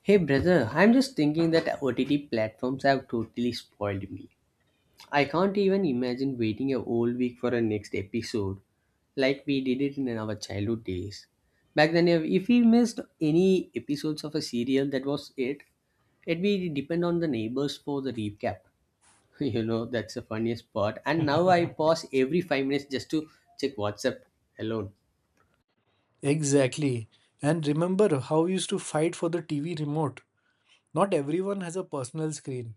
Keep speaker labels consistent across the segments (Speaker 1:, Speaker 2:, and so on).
Speaker 1: Hey brother, I'm just thinking that OTT platforms have totally spoiled me. I can't even imagine waiting a whole week for a next episode like we did it in our childhood days. Back then, if we missed any episodes of a serial, that was it. It we depend on the neighbors for the recap. You know, that's the funniest part. And now I pause every 5 minutes just to check WhatsApp alone.
Speaker 2: Exactly. And remember how we used to fight for the TV remote. Not everyone has a personal screen.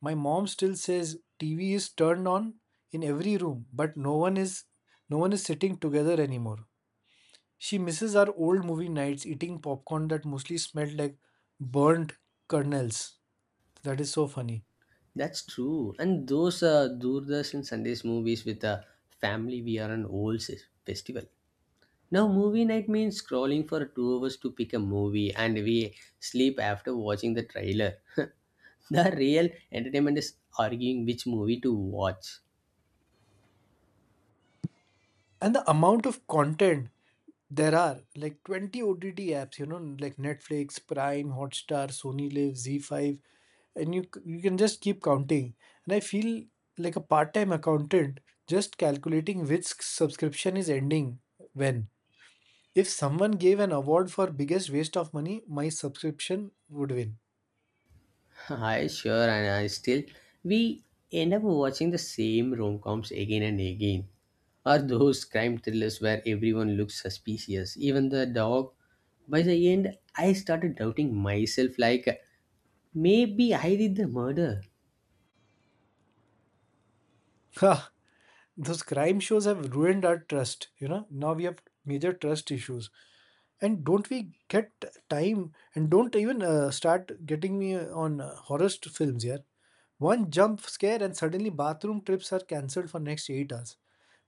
Speaker 2: My mom still says TV is turned on in every room, but no one is sitting together anymore. She misses our old movie nights eating popcorn that mostly smelled like burnt kernels. That is so funny.
Speaker 1: That's true. And those Doordarshan Sundays movies with a family, we are an festival. Now, movie night means scrolling for 2 hours to pick a movie, and we sleep after watching the trailer. The real entertainment is arguing which movie to watch.
Speaker 2: And the amount of content there are like 20 OTT apps, you know, like Netflix, Prime, Hotstar, Sony live Z5, and you can just keep counting. And I feel like a part-time accountant just calculating which subscription is ending when. If someone gave an award for biggest waste of money, my subscription would win.
Speaker 1: I sure, and I still we end up watching the same rom coms again and again. Or those crime thrillers where everyone looks suspicious, even the dog. By the end, I started doubting myself like maybe I did the murder.
Speaker 2: Ha! Those crime shows have ruined our trust, you know, now we have major trust issues. And don't we get time, and don't even start getting me on horror films here. One jump scare and suddenly bathroom trips are cancelled for next 8 hours.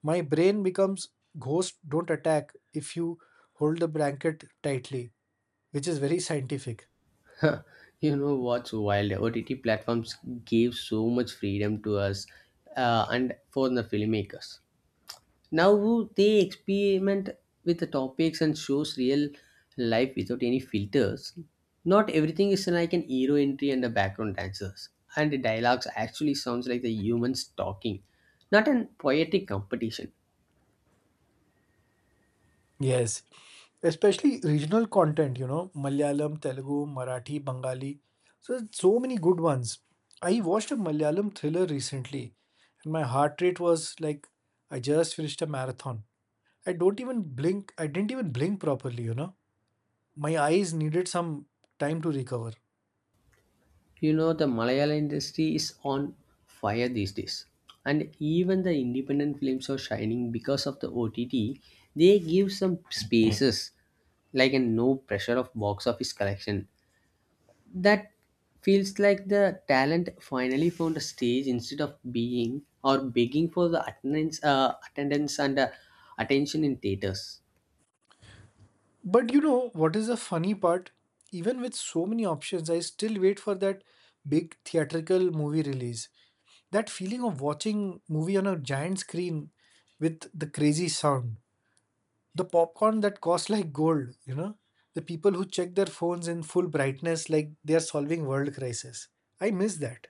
Speaker 2: My brain becomes, ghost don't attack if you hold the blanket tightly, which is very scientific.
Speaker 1: Huh, you know what's wild? OTT platforms gave so much freedom to us and for the filmmakers. Now they experiment with the topics and shows real life without any filters. Not everything is like an hero entry and the background dancers. And the dialogues actually sounds like the humans talking, not an poetic competition.
Speaker 2: Yes, especially regional content, you know, Malayalam, Telugu, Marathi, Bengali. So there's so many good ones. I watched a Malayalam thriller recently, and my heart rate was like I just finished a marathon. I don't even blink. I didn't even blink properly, you know. My eyes needed some time to recover.
Speaker 1: You know the Malayalam industry is on fire these days. And even the independent films are shining because of the OTT. They give some spaces like a no pressure of box office collection. That feels like the talent finally found a stage instead of being or begging for the attendance, attendance and attention in theaters.
Speaker 2: But you know what is the funny part? Even with so many options, I still wait for that big theatrical movie release. That feeling of watching movie on a giant screen, with the crazy sound, the popcorn that costs like gold, you know, the people who check their phones in full brightness like they are solving world crisis. I miss that.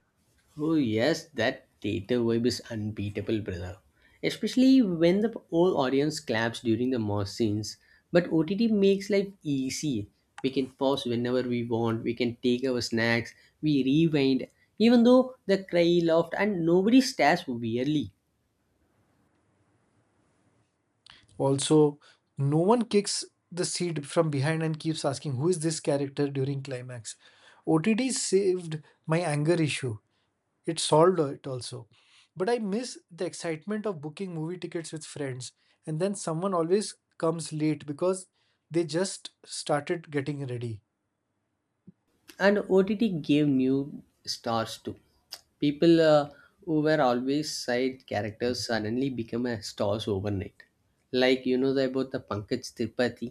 Speaker 1: Oh yes, that theater vibe is unbeatable, brother. Especially when the whole audience claps during the mosh scenes. But OTT makes life easy. We can pause whenever we want. We can take our snacks. We rewind. Even though the cry laughed and nobody stares weirdly.
Speaker 2: Also, no one kicks the seat from behind and keeps asking who is this character during climax. OTT saved my anger issue. It solved it also. But I miss the excitement of booking movie tickets with friends. And then someone always comes late because they just started getting ready.
Speaker 1: And OTT gave new stars too. People who were always side characters suddenly become a stars overnight. Like you know about the Pankaj Tripathi.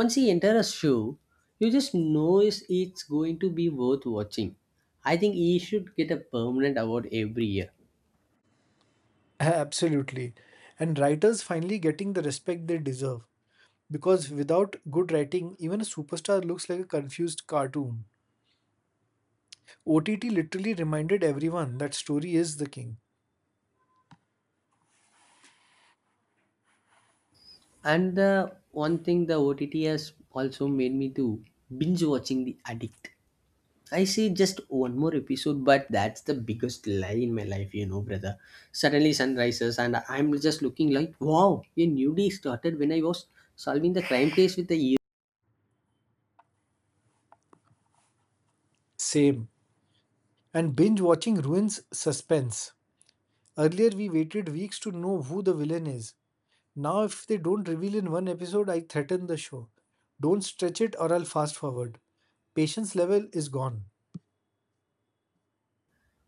Speaker 1: Once he enters a show, you just know it's going to be worth watching. I think he should get a permanent award every year.
Speaker 2: Absolutely. And writers finally getting the respect they deserve. Because without good writing, even a superstar looks like a confused cartoon. OTT literally reminded everyone that story is the king.
Speaker 1: And the one thing the OTT has also made me do, binge watching The Addict. I see just one more episode, but that's the biggest lie in my life, you know, brother. Suddenly sun rises and I'm just looking like, wow, a new day started when I was solving the crime case with the ear.
Speaker 2: Same. And binge watching ruins suspense. Earlier, we waited weeks to know who the villain is. Now, if they don't reveal in one episode, I threaten the show. Don't stretch it or I'll fast forward. Patience level is gone.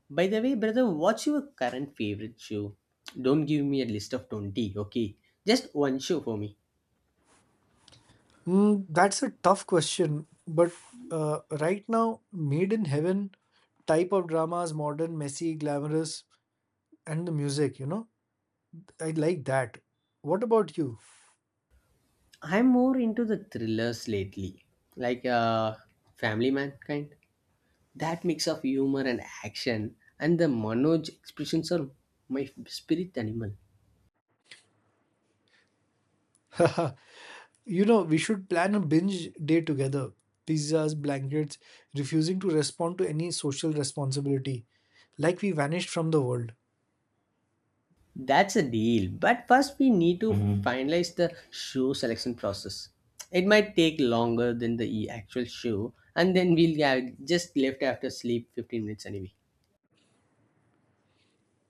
Speaker 1: By the way, brother, what's your current favorite show? Don't give me a list of 20, okay? Just one show for me.
Speaker 2: That's a tough question, but right now, Made in Heaven type of dramas, modern, messy, glamorous, and the music, you know, I like that. What about you?
Speaker 1: I'm more into the thrillers lately, like Family Man kind. That mix of humor and action and the Manoj expressions are my spirit animal.
Speaker 2: You know, we should plan a binge day together. Pizzas, blankets, refusing to respond to any social responsibility, like we vanished from the world.
Speaker 1: That's a deal. But first, we need to Mhm. finalize the shoe selection process. It might take longer than the actual shoe, and then we'll have just left after sleep 15 minutes anyway.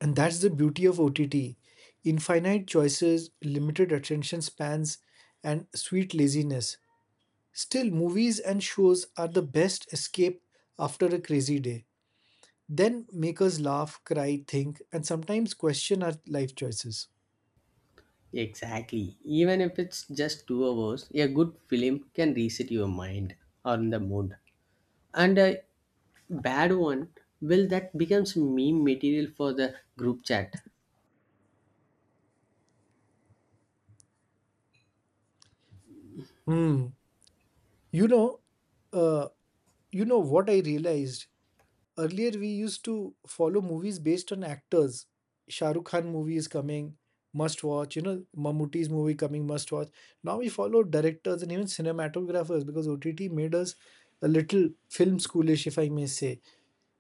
Speaker 2: And that's the beauty of OTT: infinite choices, limited attention spans, and sweet laziness. Still, movies and shows are the best escape after a crazy day. Then make us laugh, cry, think, and sometimes question our life choices.
Speaker 1: Exactly. Even if it's just 2 hours, a good film can reset your mind or the mood. And a bad one, will that becomes meme material for the group chat.
Speaker 2: Hmm. You know, uh, you know what I realized, earlier we used to follow movies based on actors. Shah Rukh Khan movie is coming, must watch. You know, Mammootty's movie coming, must watch. Now we follow directors and even cinematographers because OTT made us a little film schoolish, if I may say.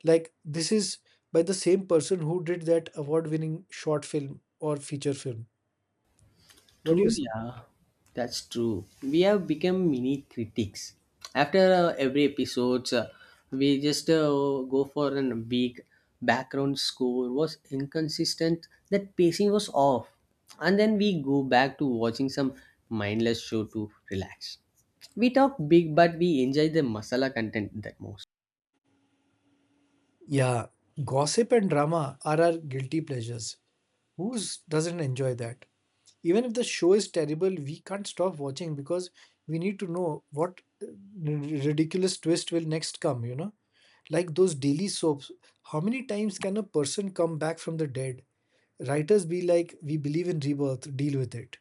Speaker 2: Like this is by the same person who did that award-winning short film or feature film. What do you
Speaker 1: True,
Speaker 2: say?
Speaker 1: yeah, that's true. We have become mini critics. After every episode, we just go for a big. Background score was inconsistent, that pacing was off. And then we go back to watching some mindless show to relax. We talk big, but we enjoy the masala content the most.
Speaker 2: Yeah, gossip and drama are our guilty pleasures. Who doesn't enjoy that? Even if the show is terrible, we can't stop watching because we need to know what ridiculous twist will next come, you know? Like those daily soaps, how many times can a person come back from the dead? Writers be like, we believe in rebirth, deal with it.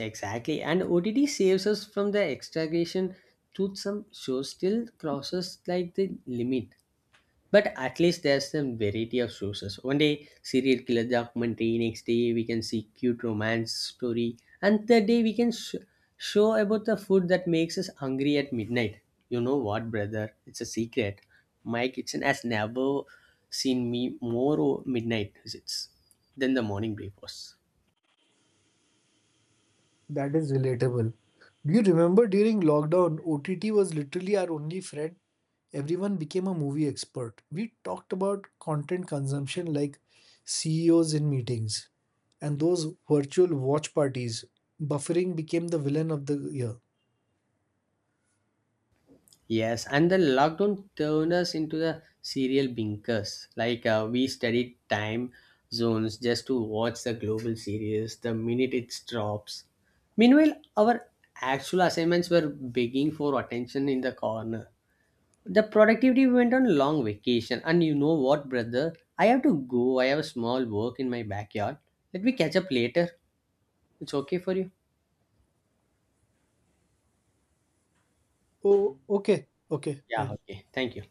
Speaker 1: Exactly, and OTT saves us from the extragration. Truth, some shows still crosses like the limit. But at least there's some variety of sources. One day, serial killer documentary. Next day, we can see cute romance story. And third day, show about the food that makes us hungry at midnight. You know what, brother? It's a secret. My kitchen has never seen me more midnight visits than the morning breakfast.
Speaker 2: That is relatable. Do you remember during lockdown, OTT was literally our only friend? Everyone became a movie expert. We talked about content consumption like CEOs in meetings and those virtual watch parties. Buffering became the villain of the year.
Speaker 1: Yes, and the lockdown turned us into the serial binkers. Like we studied time zones just to watch the global series the minute it drops. Meanwhile, our actual assignments were begging for attention in the corner. The productivity went on long vacation, and you know what, brother? I have to go. I have a small work in my backyard. Let me catch up later. It's okay for you?
Speaker 2: Oh, okay, okay,
Speaker 1: Yeah,
Speaker 2: fine.
Speaker 1: okay. Thank you.